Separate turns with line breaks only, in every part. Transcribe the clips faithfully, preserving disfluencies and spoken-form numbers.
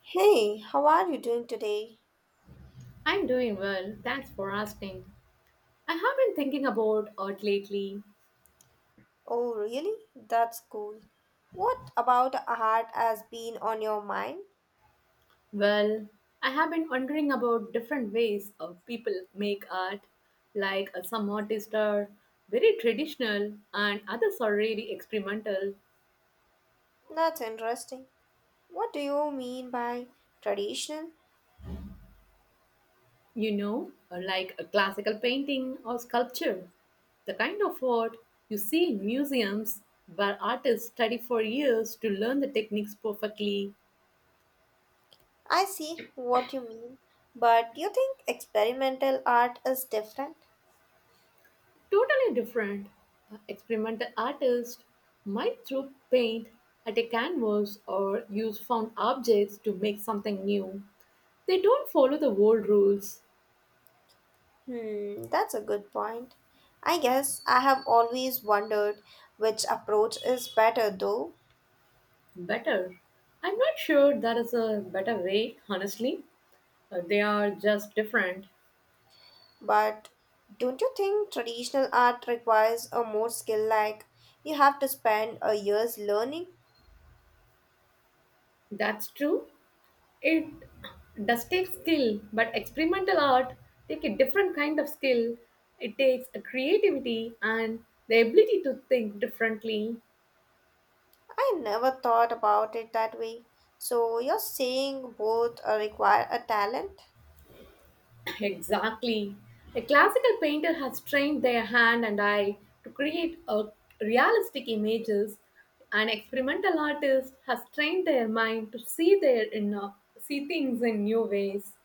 Hey, how are you doing today?
I'm doing well. Thanks for asking. I have been thinking about art lately.
Oh, really? That's cool. What about art has been on your mind?
Well, I have been wondering about different ways of people make art. Like uh, some artists are very traditional and others are really experimental,
That's interesting. What do you mean by traditional?
you know, uh, like a classical painting or sculpture. The kind of art you see in museums where artists study for years to learn the techniques perfectly.
I see what you mean, but you think experimental art is different?
Totally different. Uh, Experimental artists might throw paint at a canvas or use found objects to make something new. They don't follow the old rules.
Hmm, that's a good point. I guess I have always wondered which approach is better though.
Better. I'm not sure that is a better way, honestly. Uh, they are just different.
But don't you think traditional art requires a more skill like you have to spend a year's learning?
That's true. It does take skill, but experimental art take a different kind of skill. It takes a creativity and the ability to think differently.
I never thought about it that way. So you're saying both uh, require a talent?
Exactly. A classical painter has trained their hand and eye to create a realistic images. An experimental artist has trained their mind to see their inner, see things in new ways.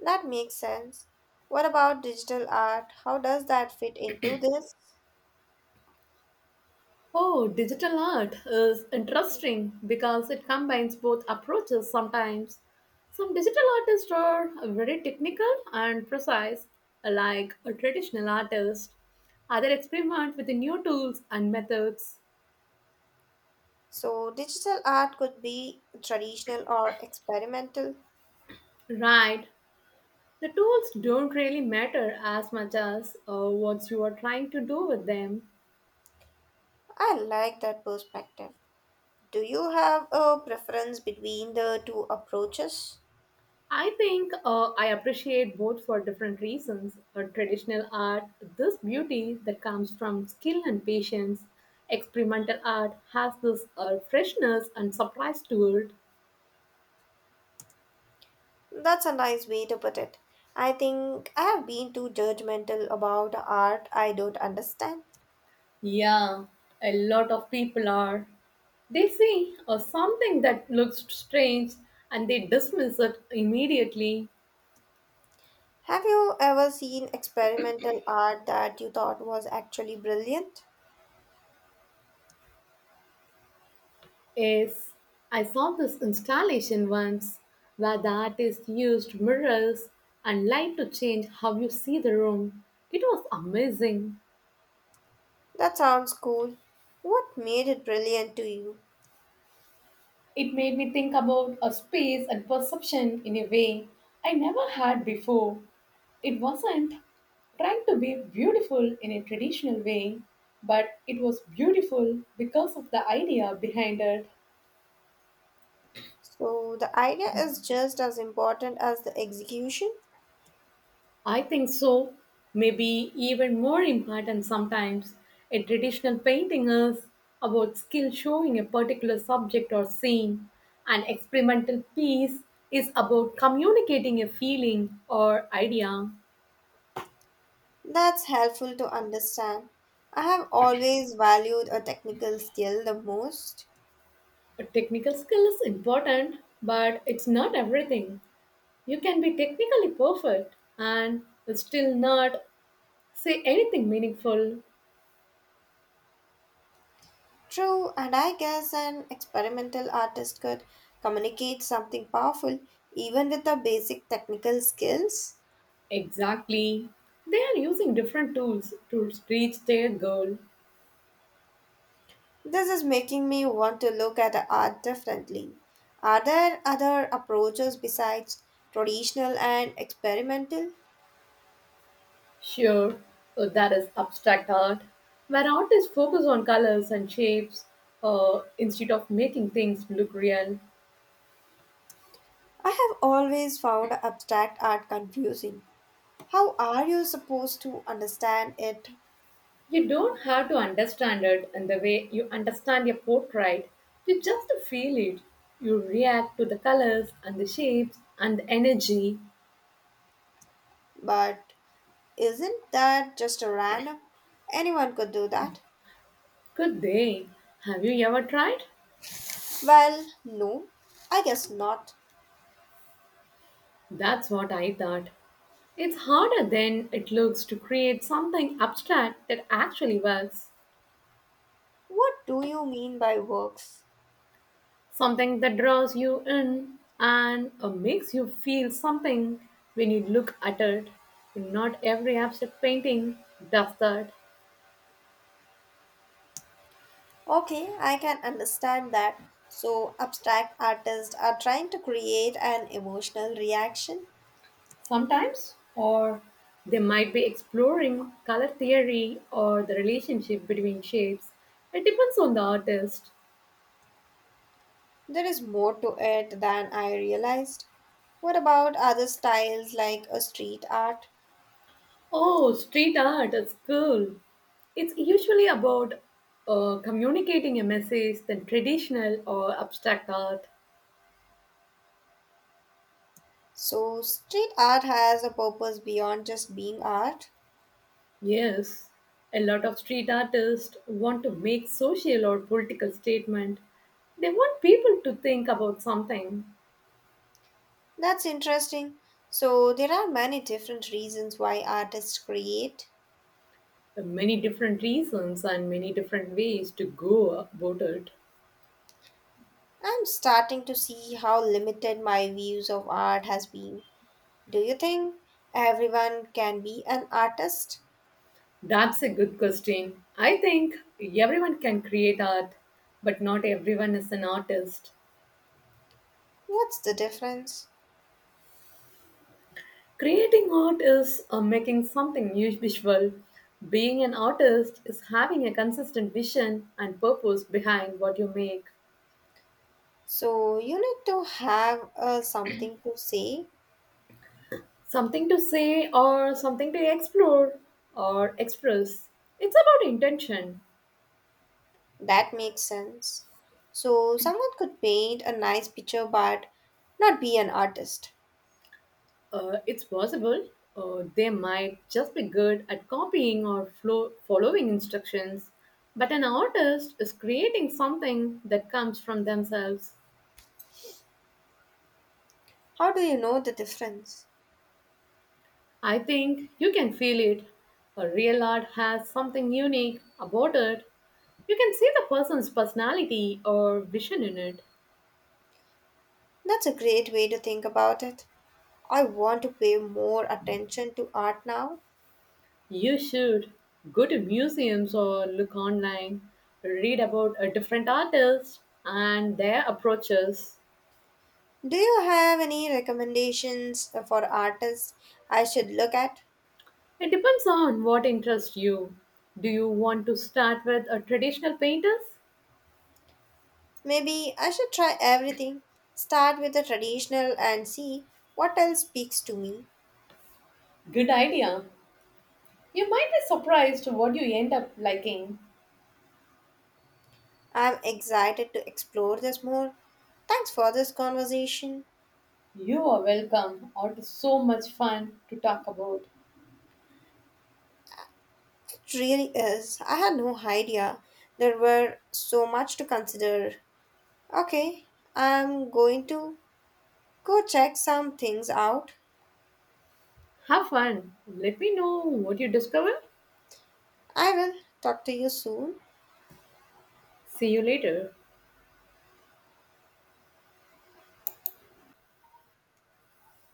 That makes sense. What about digital art? How does that fit into this?
Oh, digital art is interesting because it combines both approaches sometimes. Some digital artists are very technical and precise, like a traditional artist. Other experiment with the new tools and methods.
So digital art could be traditional or experimental.
Right, the tools don't really matter as much as uh, what you are trying to do with them.
I like that perspective. Do you have a preference between the two approaches?
I think uh, I appreciate both for different reasons. Uh, traditional art, this beauty that comes from skill and patience. Experimental art has this uh, freshness and surprise to it.
That's a nice way to put it. I think I have been too judgmental about art I don't understand.
Yeah, a lot of people are. They see uh, something that looks strange and they dismiss it immediately.
Have you ever seen experimental art that you thought was actually brilliant?
Yes, I saw this installation once where the artist used mirrors and light to change how you see the room. It was amazing.
That sounds cool. What made it brilliant to you?
It made me think about a space and perception in a way I never had before. It wasn't trying to be beautiful in a traditional way, but it was beautiful because of the idea behind it.
So, the idea is just as important as the execution?
I think so. Maybe even more important sometimes, a traditional painting is about skill showing a particular subject or scene. An experimental piece is about communicating a feeling or idea.
That's helpful to understand. I have always valued a technical skill the most.
A technical skill is important, but it's not everything. You can be technically perfect and still not say anything meaningful.
True, and I guess an experimental artist could communicate something powerful even with the basic technical skills.
Exactly. They are using different tools to reach their goal.
This is making me want to look at art differently. Are there other approaches besides traditional and experimental?
Sure, uh, that is abstract art, where artists focus on colors and shapes uh, instead of making things look real.
I have always found abstract art confusing. How are you supposed to understand it?
You don't have to understand it in the way you understand a portrait, you just feel it. You react to the colors and the shapes and the energy.
But isn't that just a random? Anyone could do that.
Good day. Have you ever tried?
Well, no, I guess not.
That's what I thought. It's harder than it looks to create something abstract that actually works.
What do you mean by works?
Something that draws you in and uh, makes you feel something when you look at it. Not every abstract painting does that.
Okay, I can understand that. So, abstract artists are trying to create an emotional reaction.
Sometimes, or they might be exploring color theory or the relationship between shapes. It depends on the artist.
There is more to it than I realized. What about other styles like a street art?
Oh, street art is cool. It's usually about uh, communicating a message than traditional or abstract art.
So, street art has a purpose beyond just being art.
Yes, a lot of street artists want to make social or political statement. They want people to think about something.
That's interesting. So, there are many different reasons why artists create.
There are many different reasons and many different ways to go about it.
I'm starting to see how limited my views of art has been. Do you think everyone can be an artist?
That's a good question. I think everyone can create art, but not everyone is an artist.
What's the difference?
Creating art is uh, making something new visual. Being an artist is having a consistent vision and purpose behind what you make.
So, you need to have uh, something to say.
Something to say or something to explore or express. It's about intention.
That makes sense. So, someone could paint a nice picture but not be an artist.
Uh, it's possible uh, they might just be good at copying or flow- following instructions, but an artist is creating something that comes from themselves.
How do you know the difference?
I think you can feel it. A real art has something unique about it. You can see the person's personality or vision in it.
That's a great way to think about it. I want to pay more attention to art now.
You should go to museums or look online, read about a different artists and their approaches.
Do you have any recommendations uh, for artists I should look at?
It depends on what interests you. Do you want to start with a traditional painters?
Maybe I should try everything. Start with the traditional and see what else speaks to me.
Good idea. You might be surprised what you end up liking.
I'm excited to explore this more. Thanks for this conversation.
You are welcome. It is so much fun to talk about.
It really is. I had no idea there were so much to consider. Okay, I'm going to go check some things out.
Have fun. Let me know what you discover.
I will talk to you soon.
See you later.